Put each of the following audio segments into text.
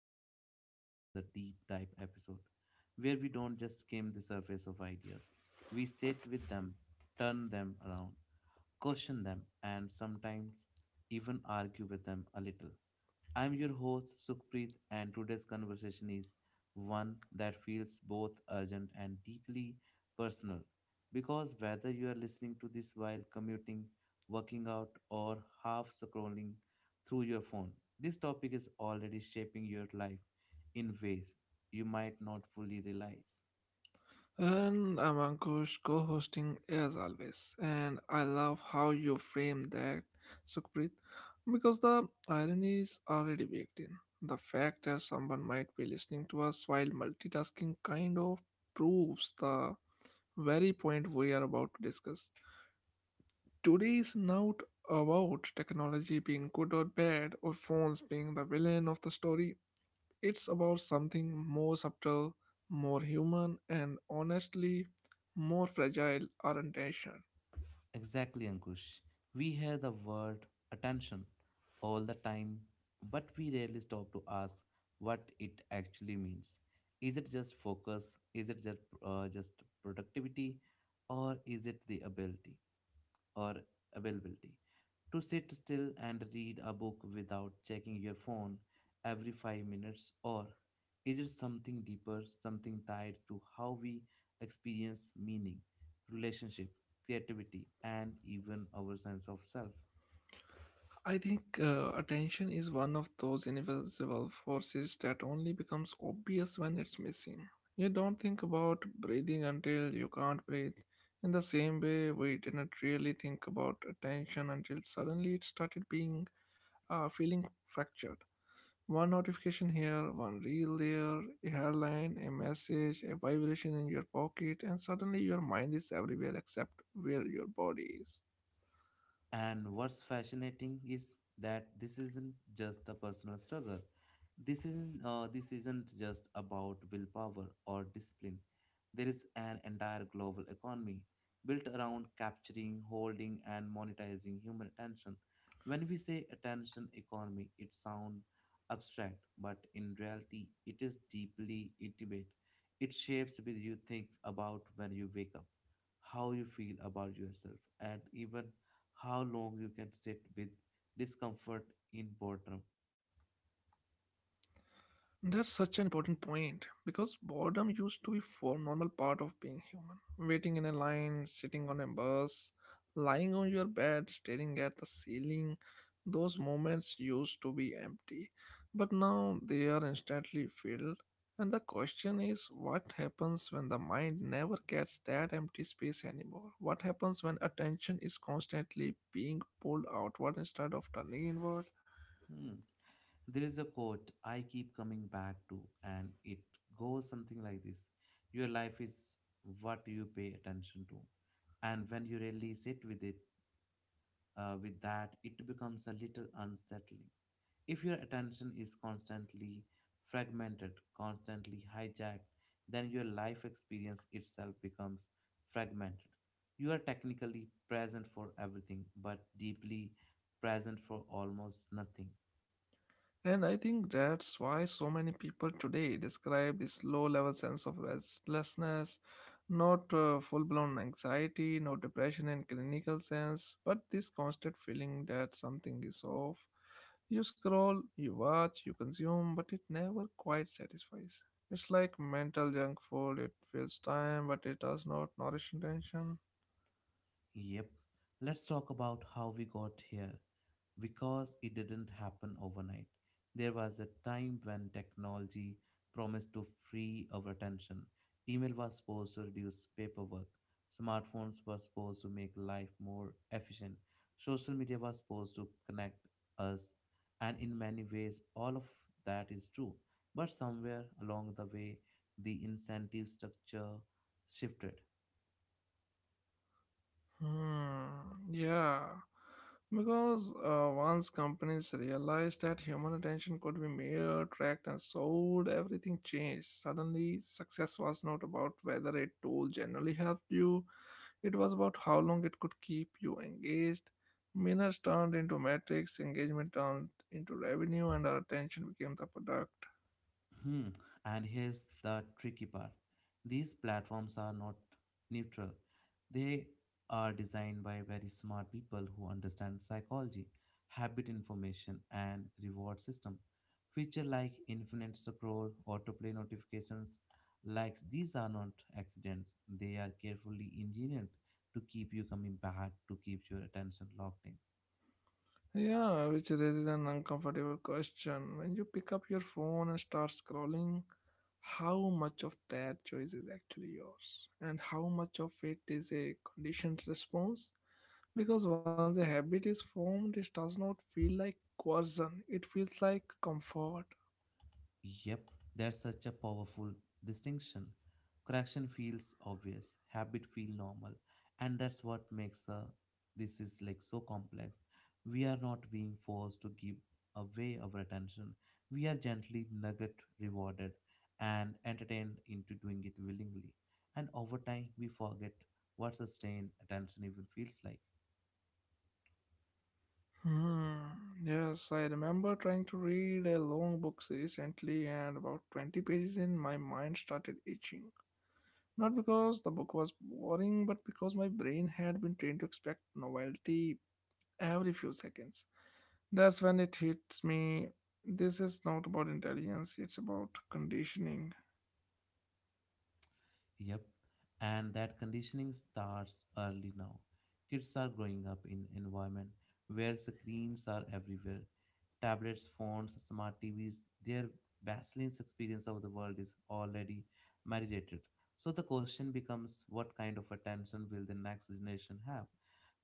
tuned into another deep dive episode where we don't just skim the surface of ideas. We sit with them, turn them around, question them, and sometimes even argue with them a little. I'm your host Sukhpreet, and today's conversation is one that feels both urgent and deeply personal. Because whether you are listening to this while commuting, working out, or half scrolling through your phone, this topic is already shaping your life in ways you might not fully realize. And I'm Ankush, co-hosting as always, and I love how you frame that, Sukhpreet, because the irony is already baked in. The fact that someone might be listening to us while multitasking kind of proves the very point we are about to discuss. Today is not about technology being good or bad, or phones being the villain of the story. It's about something more subtle, more human, and honestly, more fragile, our attention. Exactly, Ankush. We hear the word attention all the time, but we rarely stop to ask what it actually means. Is it just focus? Is it just productivity? Or is it the ability or availability? To sit still and read a book without checking your phone every 5 minutes? Or is it something deeper, something tied to how we experience meaning, relationship, creativity, and even our sense of self? I think attention is one of those invisible forces that only becomes obvious when it's missing. You don't think about breathing until you can't breathe. In the same way, we didn't really think about attention until suddenly it started being feeling fractured. One notification here, one reel there, a headline, a message, a vibration in your pocket, and suddenly your mind is everywhere except where your body is. And what's fascinating is that this isn't just a personal struggle. This isn't just about willpower or discipline. There is an entire global economy built around capturing, holding, and monetizing human attention. When we say attention economy, it sounds abstract, but in reality, it is deeply intimate. It shapes what you think about when you wake up, how you feel about yourself, and even how long you can sit with discomfort in boredom. That's such an important point because boredom used to be for normal part of being human. Waiting in a line, sitting on a bus, lying on your bed, staring at the ceiling, those moments used to be empty, but now they are instantly filled. And the question is, what happens when the mind never gets that empty space anymore? What happens when attention is constantly being pulled outward instead of turning inward? Hmm. There is a quote I keep coming back to, and it goes something like this. Your life is what you pay attention to, and when you really sit with that, it becomes a little unsettling. If your attention is constantly fragmented, constantly hijacked, then your life experience itself becomes fragmented. You are technically present for everything, but deeply present for almost nothing. And I think that's why so many people today describe this low level sense of restlessness, not full blown anxiety, no depression in clinical sense, but this constant feeling that something is off. You scroll, you watch, you consume, but it never quite satisfies. It's like mental junk food, it fills time, but it does not nourish attention. Yep, let's talk about how we got here. Because it didn't happen overnight. There was a time when technology promised to free our attention. Email was supposed to reduce paperwork. Smartphones were supposed to make life more efficient. Social media was supposed to connect us. And in many ways, all of that is true. But somewhere along the way, the incentive structure shifted. Hmm, yeah, because once companies realized that human attention could be mere tracked and sold, everything changed. Suddenly, success was not about whether a tool generally helped you, it was about how long it could keep you engaged. Minutes turned into metrics, engagement turned into revenue, and our attention became the product. Hmm. And here's the tricky part. These platforms are not neutral. They are designed by very smart people who understand psychology, habit information, and reward system. Feature like infinite scroll, autoplay notifications, likes, these are not accidents. They are carefully engineered to keep you coming back, to keep your attention locked in. Yeah, which raises an uncomfortable question. When you pick up your phone and start scrolling, how much of that choice is actually yours? And how much of it is a conditioned response? Because once a habit is formed, it does not feel like coercion, it feels like comfort. Yep, that's such a powerful distinction. Correction feels obvious, habit feel normal, and that's what makes this is like so complex. We are not being forced to give away our attention. We are gently nugget rewarded and entertained into doing it willingly. And over time, we forget what sustained attention even feels like. Hmm. Yes, I remember trying to read a long book recently, and about 20 pages in, my mind started itching. Not because the book was boring, but because my brain had been trained to expect novelty every few seconds. That's when it hits me. This is not about intelligence, it's about conditioning. Yep, and that conditioning starts early now. Kids are growing up in environment where screens are everywhere. Tablets, phones, smart TVs, their Vaseline's experience of the world is already marinated. So the question becomes what kind of attention will the next generation have?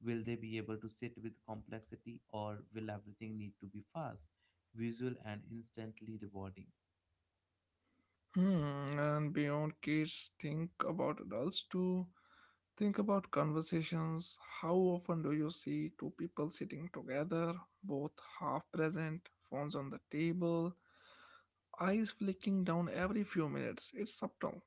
Will they be able to sit with complexity or will everything need to be fast, visual, and instantly rewarding? Hmm, and beyond kids, think about adults too. Think about conversations. How often do you see two people sitting together, both half present, phones on the table, eyes flicking down every few minutes? It's subtle,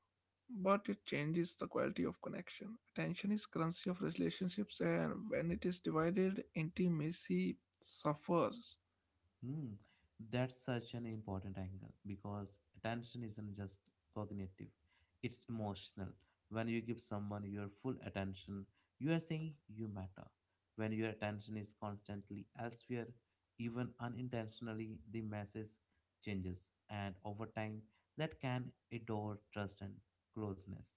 but it changes the quality of connection. Attention is currency of relationships, and when it is divided, intimacy suffers. Hmm, that's such an important angle because attention isn't just cognitive, it's emotional. When you give someone your full attention, you are saying you matter. When your attention is constantly elsewhere, even unintentionally, the message changes, and over time, that can erode trust and closeness.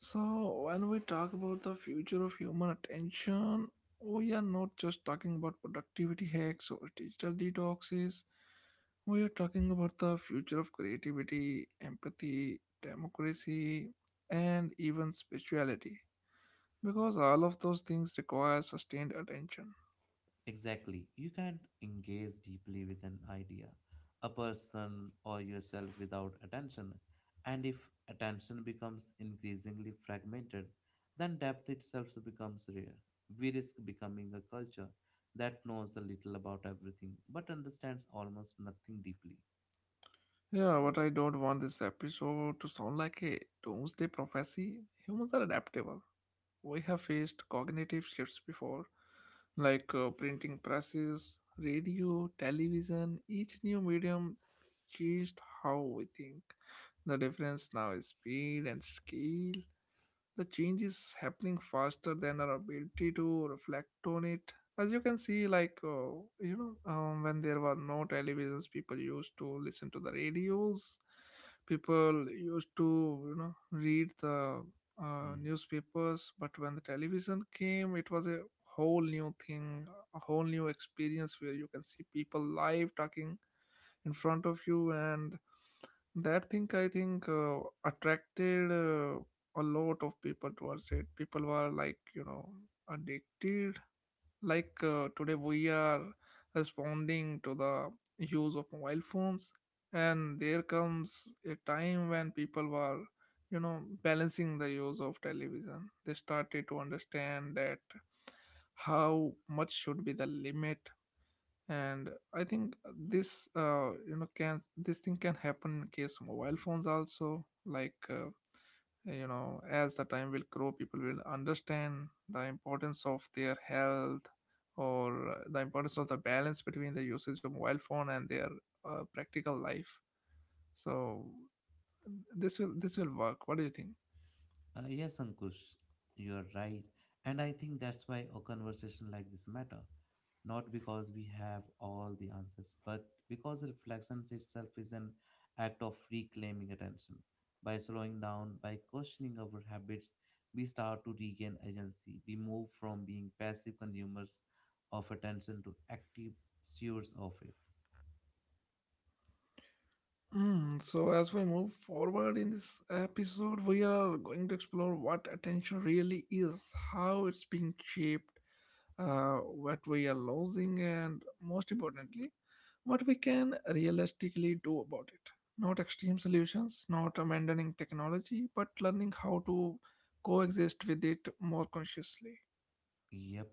So, when we talk about the future of human attention, we are not just talking about productivity hacks or digital detoxes. We are talking about the future of creativity, empathy, democracy, and even spirituality. Because all of those things require sustained attention. Exactly. You can't engage deeply with an idea, a person, or yourself without attention. And if attention becomes increasingly fragmented, then depth itself becomes rare. We risk becoming a culture that knows a little about everything but understands almost nothing deeply. Yeah, but I don't want this episode to sound like a doomsday prophecy. Humans are adaptable. We have faced cognitive shifts before, like printing presses, radio, television. Each new medium changed how we think. The difference now is speed and scale. The change is happening faster than our ability to reflect on it. As you can see, when there were no televisions, people used to listen to the radios, people used to, you know, read the Hmm. newspapers. But when the television came, it was a whole new thing, a whole new experience where you can see people live talking in front of you. And that thing, I think, attracted, a lot of people towards it. People were, like, you know, addicted, like, today we are responding to the use of mobile phones. And there comes a time when people were, you know, balancing the use of television. They started to understand that how much should be the limit. And I think this, you know, can this thing can happen in case of mobile phones also, like, you know, as the time will grow, people will understand the importance of their health or the importance of the balance between the usage of mobile phone and their practical life. So, this will work. What do you think? Yes, Ankush, you're right. And I think that's why a conversation like this matter. Not because we have all the answers, but because reflection itself is an act of reclaiming attention. By slowing down, by questioning our habits, we start to regain agency. We move from being passive consumers of attention to active stewards of it. Mm, so as we move forward in this episode, we are going to explore what attention really is, how it's being shaped, what we are losing, and most importantly, what we can realistically do about it. Not extreme solutions, not abandoning technology, but learning how to coexist with it more consciously. Yep.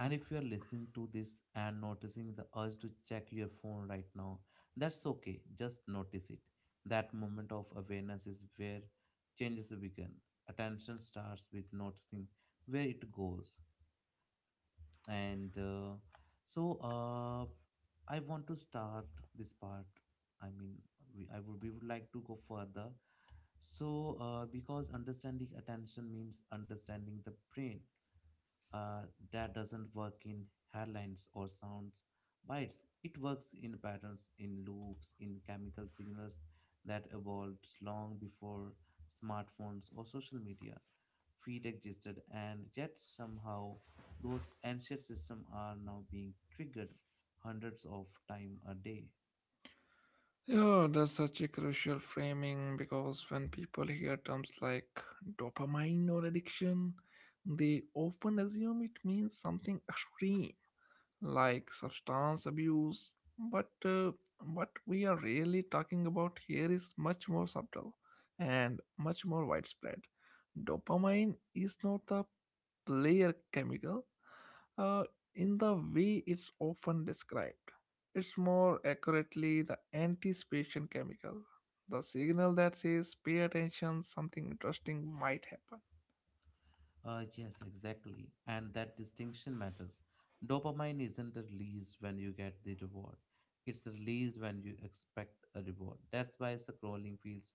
And if you are listening to this and noticing the urge to check your phone right now, that's okay. Just notice it. That moment of awareness is where changes begin. Attention starts with noticing where it goes. And so uh, I want to start this part. I mean, we would like to go further. So, because understanding attention means understanding the brain uh, that doesn't work in headlines or sounds bites. It works in patterns, in loops, in chemical signals that evolved long before smartphones or social media feed existed, and yet somehow those ancient systems are now being triggered hundreds of times a day. Yeah, that's such a crucial framing because when people hear terms like dopamine or addiction, they often assume it means something extreme like substance abuse. But what we are really talking about here is much more subtle and much more widespread. Dopamine is not the player chemical uh, in the way it's often described. It's more accurately the anticipation chemical, the signal that says, pay attention, something interesting might happen. Yes, exactly. And that distinction matters. Dopamine isn't released when you get the reward, it's released when you expect a reward. That's why scrolling feels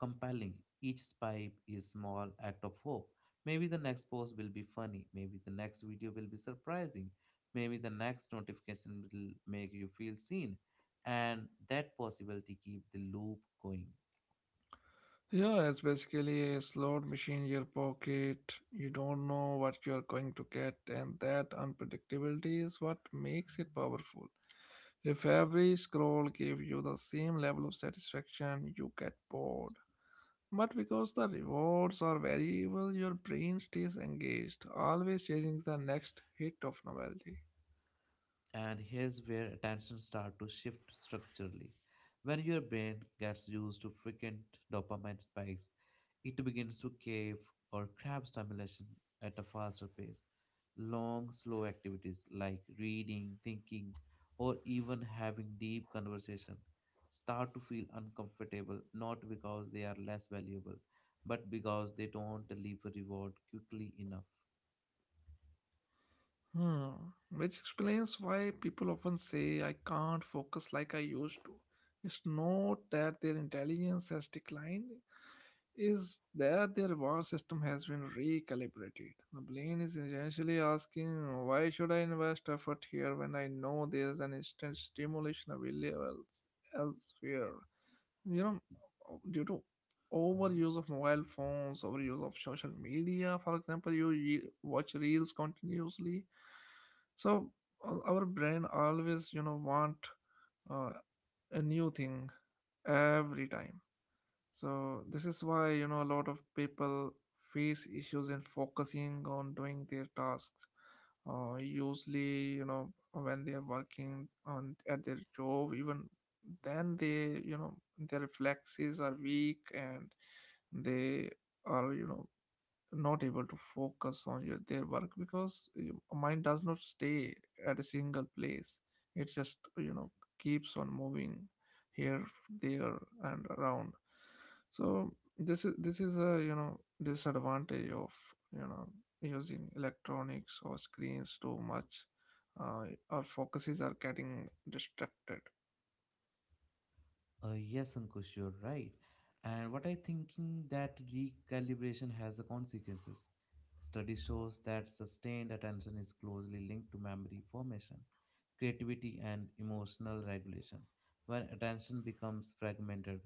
compelling. Each swipe is small act of hope. Maybe the next post will be funny. Maybe the next video will be surprising. Maybe the next notification will make you feel seen. And that possibility keep the loop going. Yeah, it's basically a slot machine in your pocket. You don't know what you're going to get, and that unpredictability is what makes it powerful. If every scroll gives you the same level of satisfaction, you get bored. But because the rewards are variable, your brain stays engaged, always chasing the next hit of novelty. And here's where attention starts to shift structurally. When your brain gets used to frequent dopamine spikes, it begins to cave or crave stimulation at a faster pace. Long, slow activities like reading, thinking, or even having deep conversation start to feel uncomfortable not because they are less valuable, but because they don't deliver reward quickly enough. Hmm, which explains why people often say I can't focus like I used to. It's not that their intelligence has declined, is that their reward system has been recalibrated. The brain is essentially asking, why should I invest effort here when I know there's an instant stimulation available elsewhere? You know, due to Mhm. overuse of mobile phones, overuse of social media, for example, you watch reels continuously. So our brain always, you know, want uh, a new thing every time. So this is why, you know, a lot of people face issues in focusing on doing their tasks. Usually, you know, when they are working on at their job, even then they, you know, their reflexes are weak and they are, you know, not able to focus on your their work because your mind does not stay at a single place. It just, you know, keeps on moving here, there, and around. So this is a, you know, disadvantage of, you know, using electronics or screens too much. Our focuses are getting distracted. Yes, Ankush, you're right. And what I thinking that recalibration has the consequences. Study shows that sustained attention is closely linked to memory formation, creativity, and emotional regulation. When attention becomes fragmented,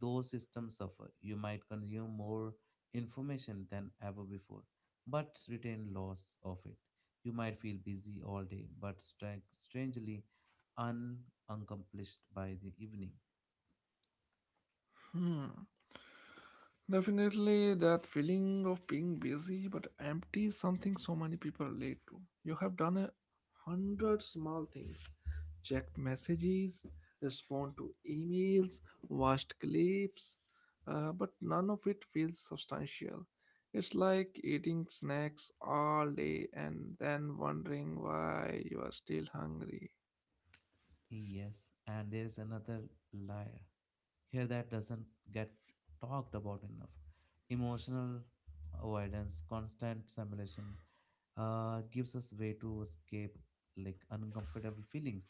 those systems suffer. You might consume more information than ever before, but retain loss of it. You might feel busy all day, but strangely un- unaccomplished by the evening. Hmm. Definitely, that feeling of being busy but empty is something so many people relate to. You have done a hundred small things, checked messages, respond to emails, watched clips, but none of it feels substantial. It's like eating snacks all day and then wondering why you are still hungry. Yes, and there is another layer here that doesn't get talked about enough. Emotional avoidance, constant simulation gives us way to escape like uncomfortable feelings,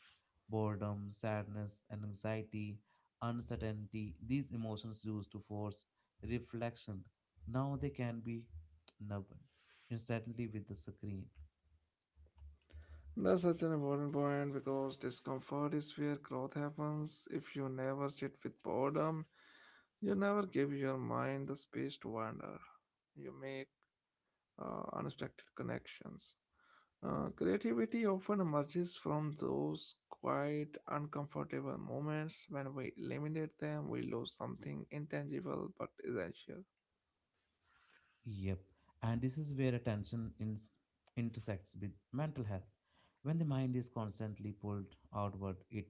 boredom, sadness, and anxiety, uncertainty. These emotions used to force reflection. Now they can be numbed instantly with the screen. That's such an important point because discomfort is where growth happens. If you never sit with boredom, you never give your mind the space to wander. You make unexpected connections. Creativity often emerges from those quite uncomfortable moments. When we eliminate them, we lose something intangible but essential. Yep. And this is where attention intersects with mental health. When the mind is constantly pulled outward, it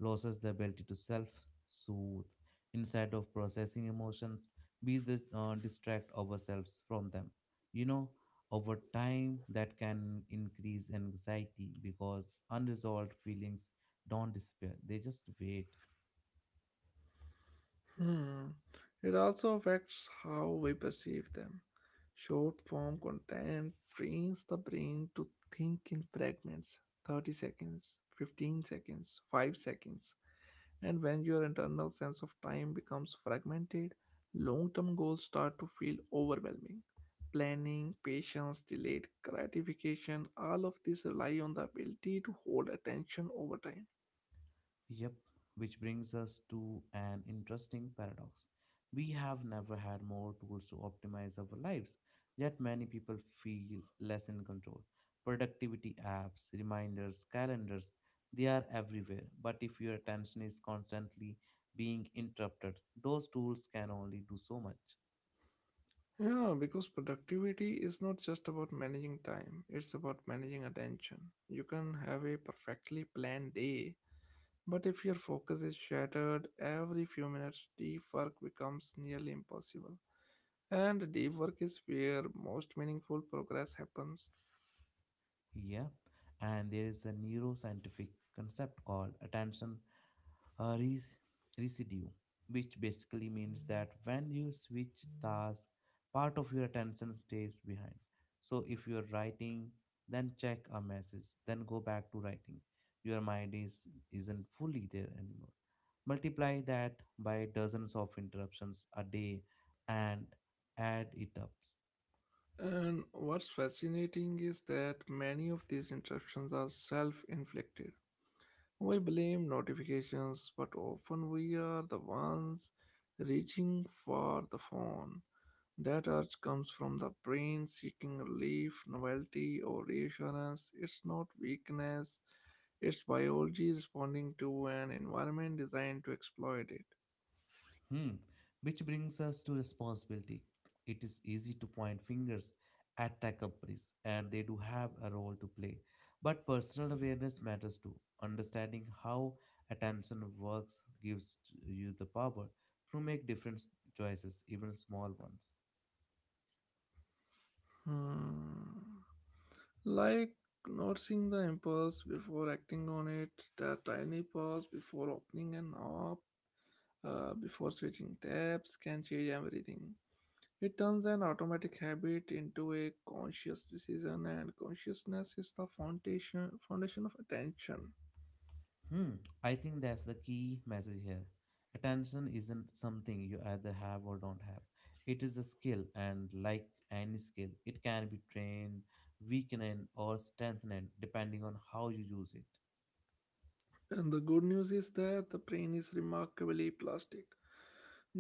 loses the ability to self soothe instead of processing emotions. We distract ourselves from them. You know, over time, that can increase anxiety because unresolved feelings don't disappear, they just wait. Hmm. It also affects how we perceive them. Short form content trains the brain to think in fragments, 30 seconds, 15 seconds, 5 seconds. And when your internal sense of time becomes fragmented, long term goals start to feel overwhelming. Planning, patience, delayed gratification, all of this rely on the ability to hold attention over time. Yep, which brings us to an interesting paradox. We have never had more tools to optimize our lives, yet many people feel less in control. Productivity apps, reminders, calendars, they are everywhere. But if your attention is constantly being interrupted, those tools can only do so much. Yeah, because productivity is not just about managing time, it's about managing attention. You can have a perfectly planned day, but if your focus is shattered every few minutes, deep work becomes nearly impossible. And deep work is where most meaningful progress happens. Yeah, and there is a neuroscientific concept called attention uh, res- residue, which basically means that when you switch tasks, part of your attention stays behind. So if you're writing, then check a message, then go back to writing. Your mind is isn't fully there anymore. Multiply that by dozens of interruptions a day and add it up. And what's fascinating is that many of these interruptions are self inflicted. We blame notifications, but often we are the ones reaching for the phone. That urge comes from the brain seeking relief, novelty, or reassurance. It's not weakness, it's biology responding to an environment designed to exploit it. Hmm. Which brings us to responsibility. It is easy to point fingers at tech companies, and they do have a role to play. But personal awareness matters too. Understanding how attention works gives you the power to make different choices, even small ones. Hmm. Like noticing the impulse before acting on it, that tiny pause before opening an app, before switching tabs can change everything. It turns an automatic habit into a conscious decision, and consciousness is the foundation of attention. Hmm, I think that's the key message here. Attention isn't something you either have or don't have. It is a skill, and like any skill, it can be trained, weakened, or strengthened depending on how you use it. And the good news is that the brain is remarkably plastic.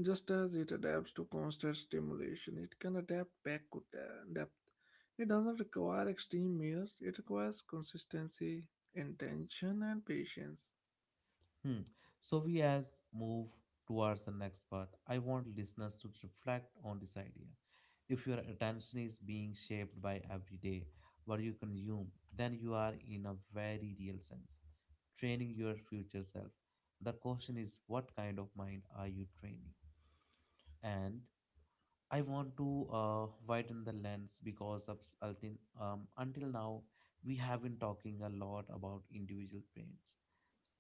Just as it adapts to constant stimulation, it can adapt back to depth. It doesn't require extreme measures, it requires consistency, intention, and patience. Hmm. So we as move towards the next part, I want listeners to reflect on this idea. If your attention is being shaped by every day what you consume, then you are in a very real sense training your future self. The question is what kind of mind are you training? And I want to widen the lens because until now we have been talking a lot about individual pains,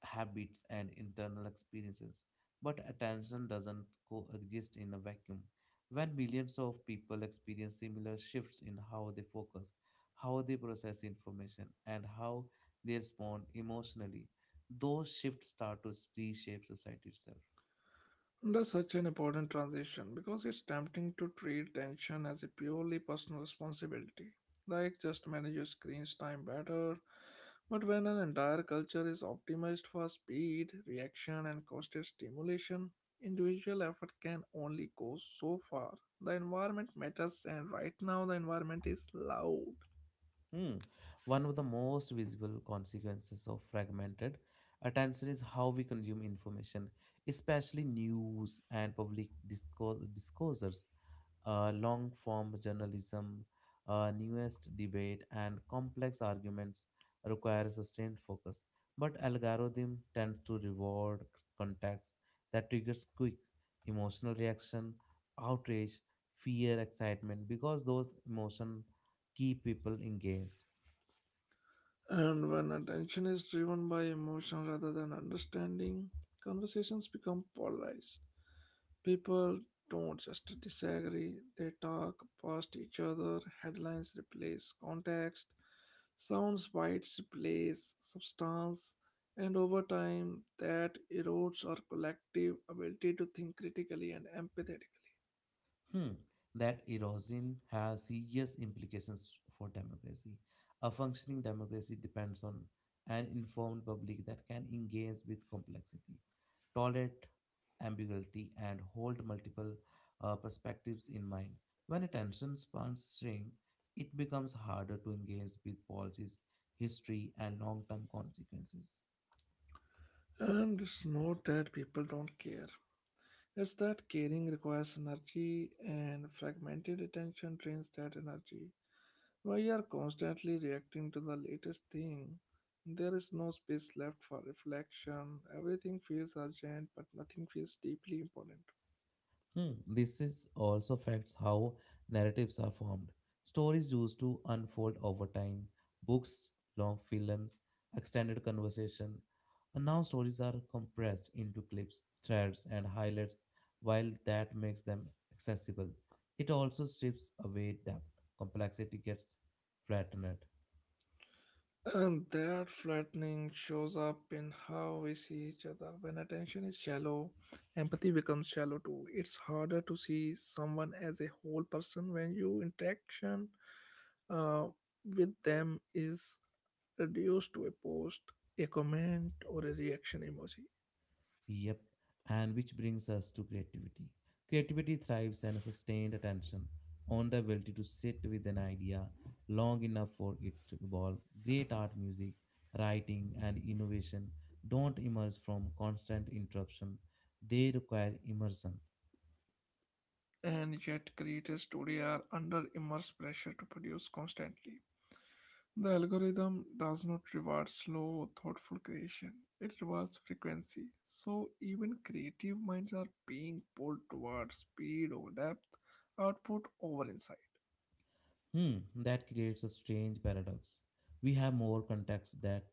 habits, and internal experiences. But attention doesn't coexist in a vacuum. When millions of people experience similar shifts in how they focus, how they process information, and how they respond emotionally, those shifts start to reshape society itself. That's such an important transition because it's tempting to treat tension as a purely personal responsibility, like just manage your screen's time better. But when an entire culture is optimized for speed, reaction, and constant stimulation, individual effort can only go so far. The environment matters, and right now the environment is loud. Hmm. One of the most visible consequences of fragmented attention is how we consume information, especially news and public discourses. Long form journalism, newest debate, and complex arguments require sustained focus. But algorithm tends to reward context that triggers quick emotional reaction, outrage, fear, excitement, because those emotions keep people engaged. And when attention is driven by emotion rather than understanding, conversations become polarized. People don't just disagree, they talk past each other, headlines replace context, sounds bites replace substance, and over time that erodes our collective ability to think critically and empathetically. Hmm. That erosion has serious implications for democracy. A functioning democracy depends on an informed public that can engage with complexity, tolerate ambiguity, and hold multiple perspectives in mind. When attention spans shrink, it becomes harder to engage with policies, history, and long term consequences. And it's not that people don't care. It's that caring requires energy, and fragmented attention drains that energy. When you are constantly reacting to the latest thing, there is no space left for reflection. Everything feels urgent, but nothing feels deeply important. Hmm, this is also affects how narratives are formed. Stories used to unfold over time, books, long films, extended conversation. And now stories are compressed into clips, threads, and highlights, while that makes them accessible. It also strips away depth. Complexity gets flattened. And that flattening shows up in how we see each other. When attention is shallow, empathy becomes shallow too. It's harder to see someone as a whole person when your interaction uh, with them is reduced to a post, a comment, or a reaction emoji. Yep. And which brings us to creativity. Creativity thrives on a sustained attention, on the ability to sit with an idea long enough for it to evolve. Great art, music, writing, and innovation don't emerge from constant interruption, they require immersion. And yet, creators today are under immense pressure to produce constantly. The algorithm does not reward slow, thoughtful creation. It rewards frequency. So even creative minds are being pulled towards speed over depth, output over insight. That creates a strange paradox. We have more context that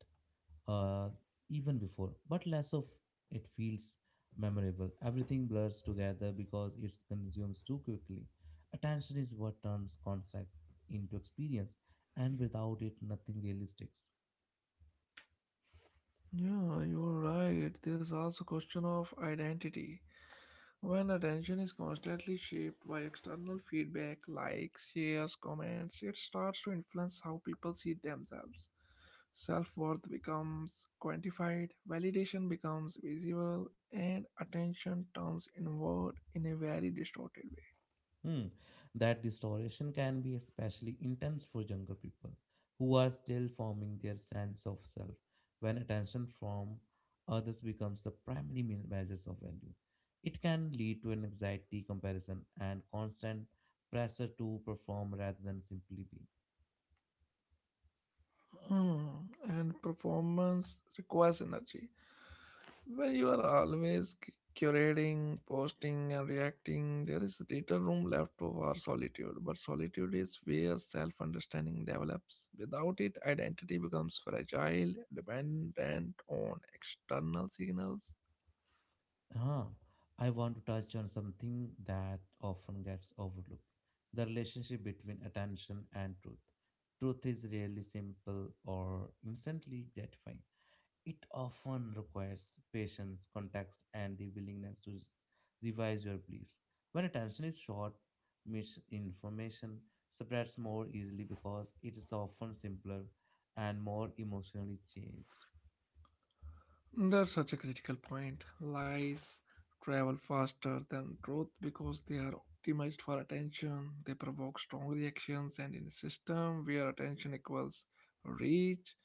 uh, even before, but less of it feels memorable. Everything blurs together because it's consumes too quickly. Attention is what turns concept into experience, and without it, nothing really sticks. Yeah, you're right. There's also question of identity. When attention is constantly shaped by external feedback, likes, shares, comments, it starts to influence how people see themselves. Self worth becomes quantified, validation becomes visible, and attention turns inward in a very distorted way. Hmm. That distortion can be especially intense for younger people who are still forming their sense of self when attention from others becomes the primary measures of value. It can lead to an anxiety, comparison, and constant pressure to perform rather than simply be. Hmm. And performance requires energy. When you are always curating, posting, and reacting, there is little room left for solitude. But solitude is where self understanding develops. Without it, identity becomes fragile, dependent on external signals. Huh. I want to touch on something that often gets overlooked the relationship between attention and truth. Truth is rarely simple or instantly gratifying. It often requires patience, context, and the willingness to revise your beliefs. When attention is short, misinformation spreads more easily because it is often simpler and more emotionally changed. That's such a critical point. Lies travel faster than truth because they are optimized for attention. They provoke strong reactions, and in a system where attention equals reach,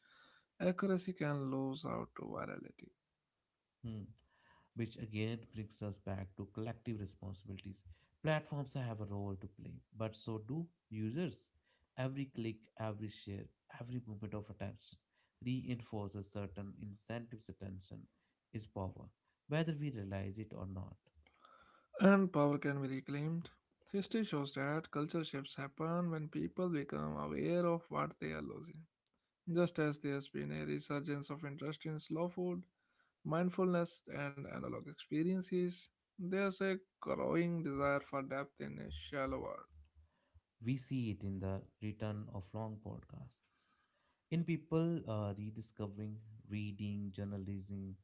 accuracy can lose out to virality. Hmm. Which again brings us back to collective responsibilities. Platforms have a role to play, but so do users. Every click, every share, every movement of attention reinforces certain incentives. Attention is power, whether we realize it or not. And power can be reclaimed. History shows that cultural shifts happen when people become aware of what they are losing. Just as there's been a resurgence of interest in slow food, mindfulness and analog experiences, there's a growing desire for depth in a shallow world. We see it in the return of long podcasts, in people rediscovering reading, journalism,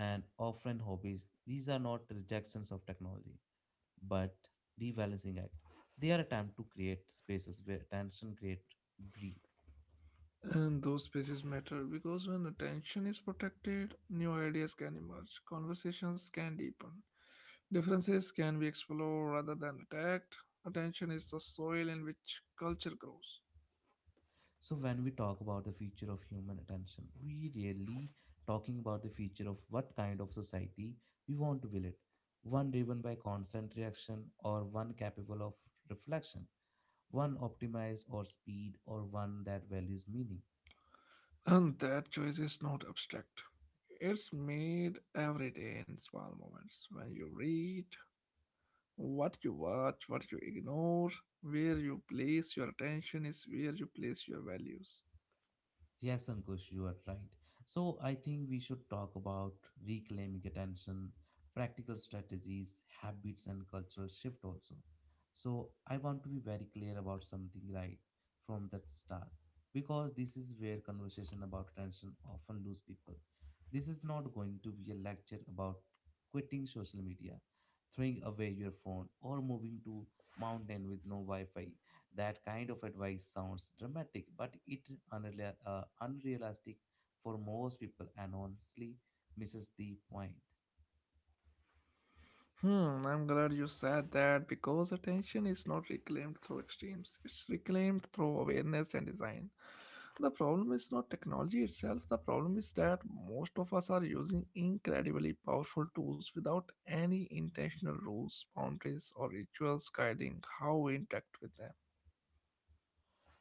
and offline hobbies. These are not rejections of technology but rebalancing act. They are attempt to create spaces where attention create breathe. And those spaces matter because when attention is protected, new ideas can emerge, conversations can deepen, differences can be explored rather than attacked. Attention is the soil in which culture grows. So when we talk about the future of human attention, we really talking about the future of what kind of society we want to build it. One driven by constant reaction or one capable of reflection, one optimized or speed or one that values meaning. And that choice is not abstract. It's made every day in small moments. When you read, what you watch, what you ignore, where you place your attention is where you place your values. Yes, Ankush, you are right. So I think we should talk about reclaiming attention, practical strategies, habits, and cultural shift also. So I want to be very clear about something right from that start because this is where conversation about attention often lose people. This is not going to be a lecture about quitting social media, throwing away your phone, or moving to mountain with no Wi-Fi. That kind of advice sounds dramatic, but it unrealistic for most people and honestly misses the point. I'm glad you said that because attention is not reclaimed through extremes, it's reclaimed through awareness and design. The problem is not technology itself, the problem is that most of us are using incredibly powerful tools without any intentional rules, boundaries, or rituals guiding how we interact with them.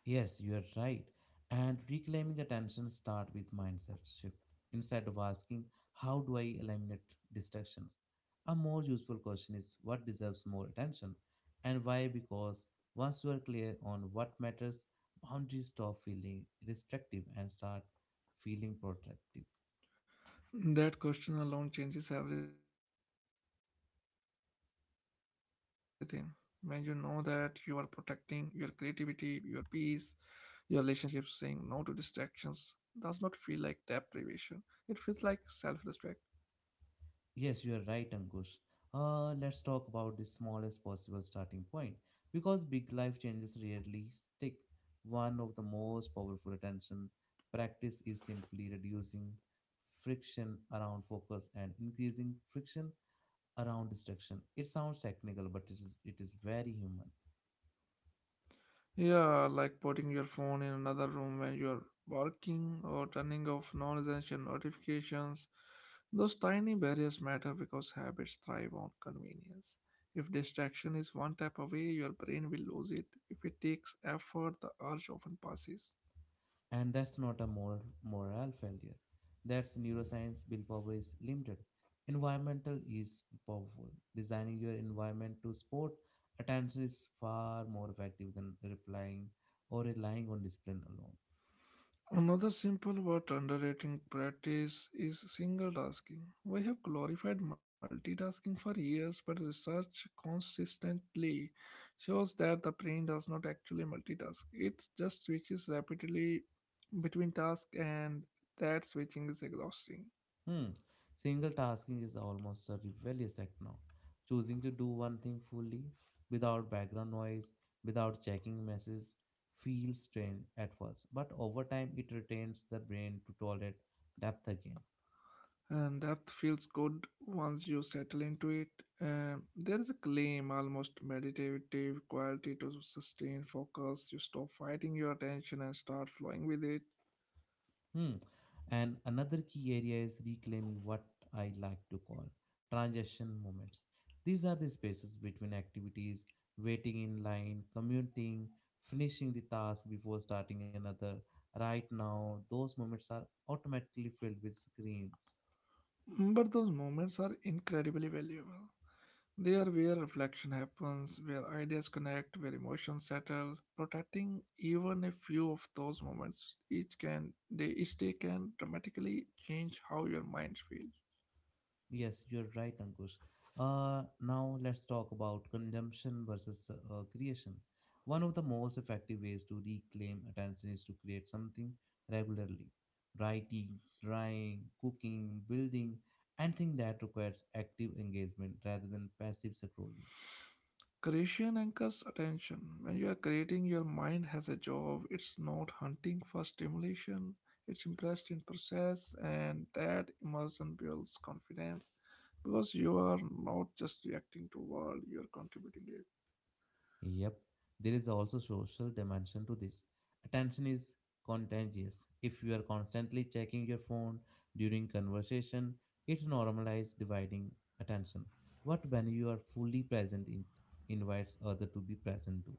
Yes, you are right. And reclaiming attention start with mindset shift. Instead of asking, how do I eliminate distractions? A more useful question is what deserves more attention and why? Because once you are clear on what matters, boundaries stop feeling restrictive and start feeling protective. That question alone changes everything. When you know that you are protecting your creativity, your peace, your relationships, saying no to distractions does not feel like deprivation. It feels like self respect. Yes, you are right, Ankush. Let's talk about the smallest possible starting point because big life changes rarely stick. One of the most powerful attention practice is simply reducing friction around focus and increasing friction around distraction. It sounds technical, but it is very human. Yeah, like putting your phone in another room when you're working or turning off non essential notifications. Those tiny barriers matter because habits thrive on convenience. If distraction is one tap away, your brain will lose it. If it takes effort, the urge often passes. And that's not a moral failure. That's neuroscience willpower is limited. Environmental is powerful. Designing your environment to support attention is far more effective than replying or relying on discipline alone. Another simple but underrated practice is single tasking. We have glorified multitasking for years, but research consistently shows that the brain does not actually multitask. It just switches rapidly between tasks, and that switching is exhausting. Hmm. Single tasking is almost a rebellious act now. Choosing to do one thing fully, without background noise, without checking messages, feels strange at first, but over time it retains the brain to tolerate depth again. And depth feels good once you settle into it. There is a claim, almost meditative quality to sustained focus. You stop fighting your attention and start flowing with it. Hmm. And another key area is reclaiming what I like to call transition moments. These are the spaces between activities, waiting in line, commuting, finishing the task before starting another. Right now, those moments are automatically filled with screens. But those moments are incredibly valuable. They are where reflection happens, where ideas connect, where emotions settle. Protecting even a few of those moments each day can dramatically change how your mind feels. Yes, you're right, Ankush. Now let's talk about consumption versus creation. One of the most effective ways to reclaim attention is to create something regularly. Writing, drawing, cooking, building, anything that requires active engagement rather than passive scrolling. Creation anchors attention. When you are creating, your mind has a job. It's not hunting for stimulation. It's impressed in process, and that immersion builds confidence because you are not just reacting to world, you are contributing to it. Yep, there is also social dimension to this. Attention is contagious. If you are constantly checking your phone during conversation, it normalizes dividing attention. What when you are fully present, it invites other to be present too.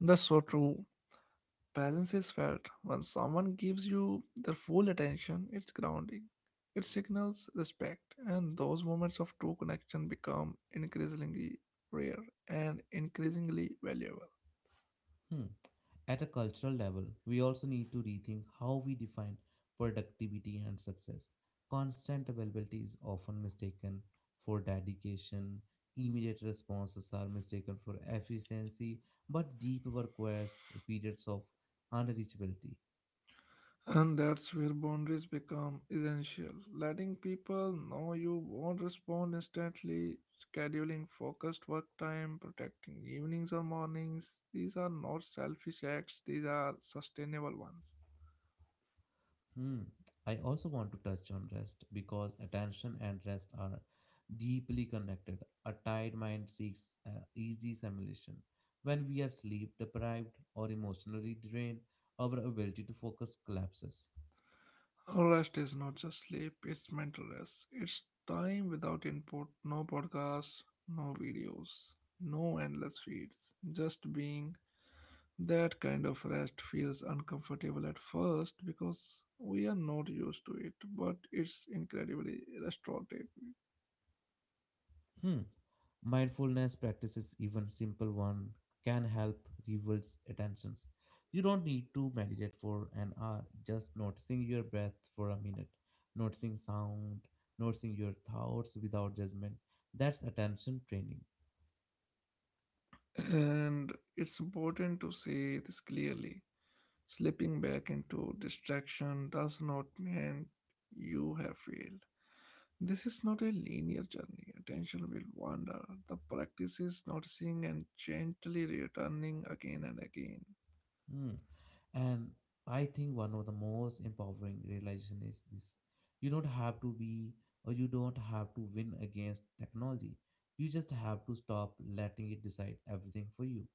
That's so true. Presence is felt. When someone gives you their full attention, it's grounding. It signals respect, and those moments of true connection become increasingly rare and increasingly valuable. Hmm. At a cultural level, we also need to rethink how we define productivity and success. Constant availability is often mistaken for dedication, immediate responses are mistaken for efficiency, but deep work requires periods of unreachability. And that's where boundaries become essential. Letting people know you won't respond instantly, scheduling focused work time, protecting evenings or mornings. These are not selfish acts, these are sustainable ones. Hmm. I also want to touch on rest because attention and rest are deeply connected. A tired mind seeks easy stimulation. When we are sleep deprived or emotionally drained, our ability to focus collapses. Rest is not just sleep, it's mental rest. It's time without input, no podcasts, no videos, no endless feeds. Just being that kind of rest feels uncomfortable at first because we are not used to it, but it's incredibly restorative. Hmm. Mindfulness practices, even simple one, can help reverse attentions. You don't need to meditate for an hour, just noticing your breath for a minute, noticing sound, noticing your thoughts without judgment. That's attention training. And it's important to say this clearly. Slipping back into distraction does not mean you have failed. This is not a linear journey. Attention will wander. The practice is noticing and gently returning again and again. Hmm. And I think one of the most empowering realization is this. You don't have to be you don't have to win against technology. You just have to stop letting it decide everything for you.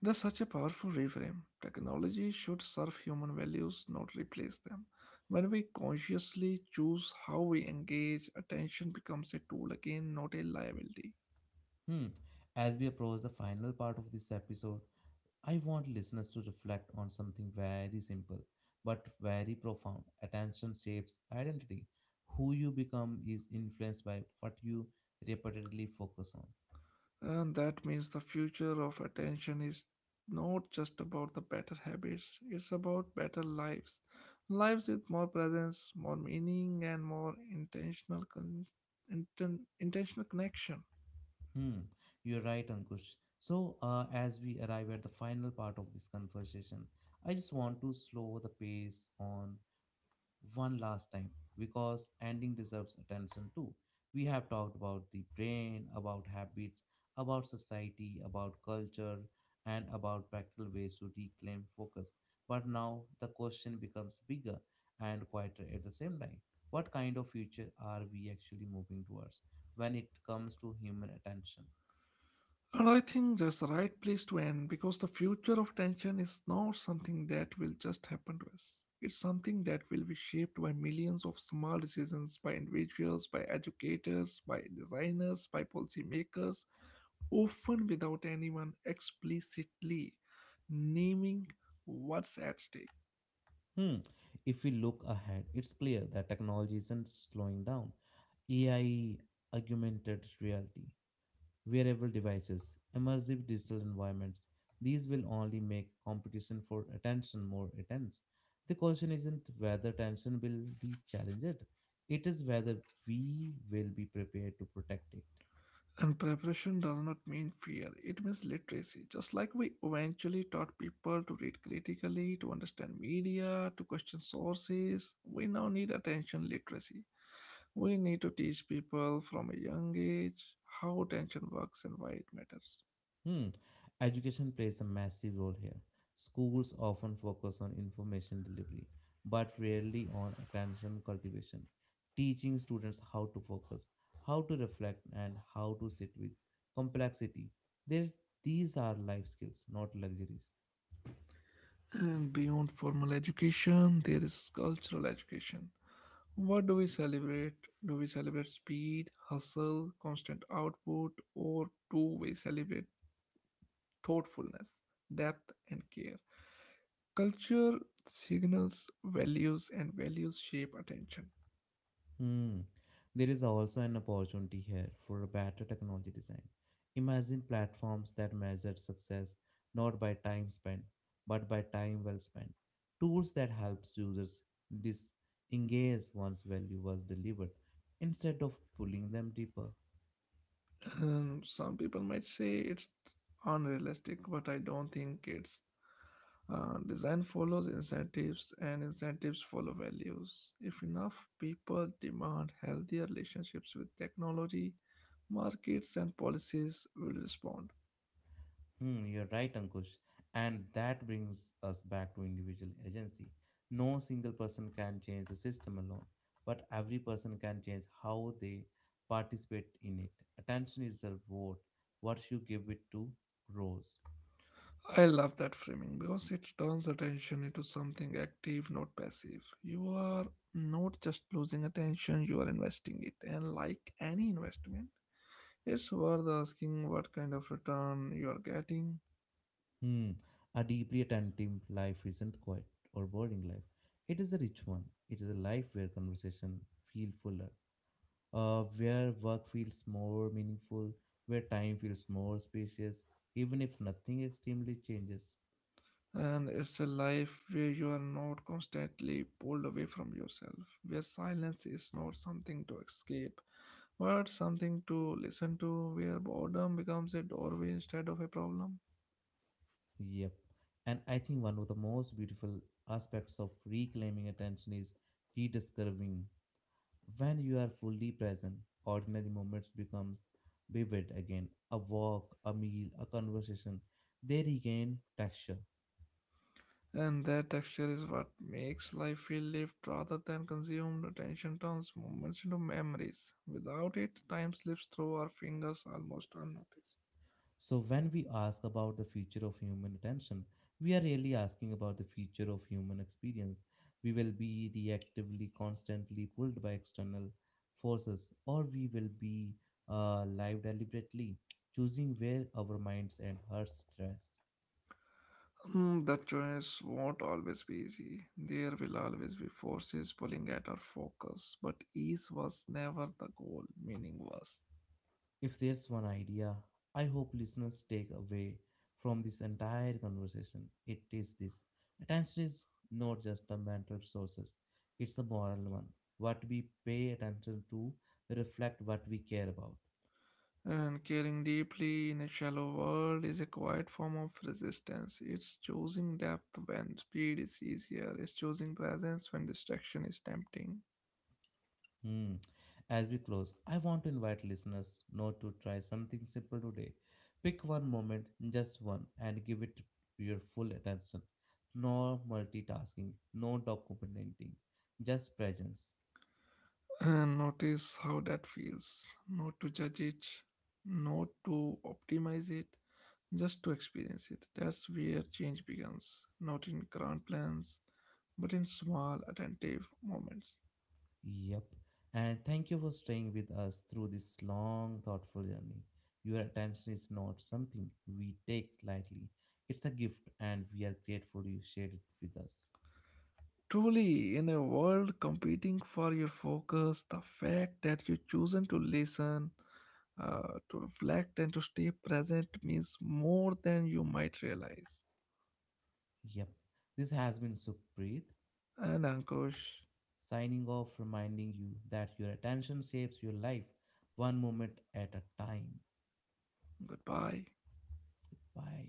That's such a powerful reframe. Technology should serve human values, not replace them. When we consciously choose how we engage, attention becomes a tool again, not a liability. Hmm. As we approach the final part of this episode, I want listeners to reflect on something very simple but very profound. Attention shapes identity. Who you become is influenced by what you repeatedly focus on. And that means the future of attention is not just about the better habits, it's about better lives. Lives with more presence, more meaning, and more intentional, intentional connection. Hmm. You're right, Ankush. So, as we arrive at the final part of this conversation, I just want to slow the pace on one last time because ending deserves attention too. We have talked about the brain, about habits, about society, about culture, and about practical ways to reclaim focus. But now the question becomes bigger and quieter at the same time. What kind of future are we actually moving towards when it comes to human attention? And I think that's the right place to end because the future of tension is not something that will just happen to us. It's something that will be shaped by millions of small decisions by individuals, by educators, by designers, by policymakers, often without anyone explicitly naming what's at stake. Hmm. If we look ahead, it's clear that technology isn't slowing down. AI, augmented reality, wearable devices, immersive digital environments. These will only make competition for attention more intense. The question isn't whether attention will be challenged, it is whether we will be prepared to protect it. And preparation does not mean fear, it means literacy. Just like we eventually taught people to read critically, to understand media, to question sources, we now need attention literacy. We need to teach people from a young age how attention works and why it matters. Hmm. Education plays a massive role here. Schools often focus on information delivery, but rarely on attention cultivation, teaching students how to focus, how to reflect, and how to sit with complexity. There, these are life skills, not luxuries. And beyond formal education, there is cultural education. What do we celebrate? Do we celebrate speed, hustle, constant output, or do we celebrate thoughtfulness, depth, and care. Culture signals values, and values shape attention. Hmm. There is also an opportunity here for a better technology design. Imagine platforms that measure success not by time spent, but by time well spent. Tools that helps users disengage once value was delivered instead of pulling them deeper. And some people might say it's unrealistic, but I don't think it's. Design follows incentives, and incentives follow values. If enough people demand healthier relationships with technology, markets and policies will respond. Hmm, you're right, Ankush. And that brings us back to individual agency. No single person can change the system alone, but every person can change how they participate in it. Attention is a reward. What you give it to grows. I love that framing because it turns attention into something active, not passive. You are not just losing attention, you are investing it. And like any investment, it's worth asking what kind of return you are getting. Hmm. A deeply attentive life isn't quiet or boring life. It is a rich one. It is a life where conversation feel fuller, where work feels more meaningful, where time feels more spacious, even if nothing extremely changes. And it's a life where you are not constantly pulled away from yourself, where silence is not something to escape, but something to listen to, where boredom becomes a doorway instead of a problem. Yep. And I think one of the most beautiful aspects of reclaiming attention is rediscovering. When you are fully present, ordinary moments becomes vivid again. A walk, a meal, a conversation, they regain texture. And that texture is what makes life feel lived rather than consumed. Attention turns moments into memories. Without it, time slips through our fingers almost unnoticed. So, when we ask about the future of human attention, we are really asking about the future of human experience. We will be reactively, constantly pulled by external forces, or we will be live deliberately, choosing where our minds and hearts rest. Mm, the choice won't always be easy. There will always be forces pulling at our focus, but ease was never the goal, meaning was. If there's one idea I hope listeners take away from this entire conversation, it is this attention is not just the mental resources, it's a moral one. What we pay attention to reflect what we care about. And caring deeply in a shallow world is a quiet form of resistance. It's choosing depth when speed is easier, it's choosing presence when distraction is tempting. Hmm. As we close, I want to invite listeners not to try something simple today. Pick one moment, just one, and give it your full attention. No multitasking, no documenting, just presence. And notice how that feels. Not to judge it, not to optimize it, just to experience it. That's where change begins, not in grand plans, but in small, attentive moments. Yep. And thank you for staying with us through this long, thoughtful journey. Your attention is not something we take lightly, it's a gift, and we are grateful you shared it with us. Truly, in a world competing for your focus, the fact that you've chosen to listen, to reflect, and to stay present means more than you might realize. Yep. This has been Sukhpreet, And Ankush, signing off, reminding you that your attention shapes your life one moment at a time. goodbye. Bye.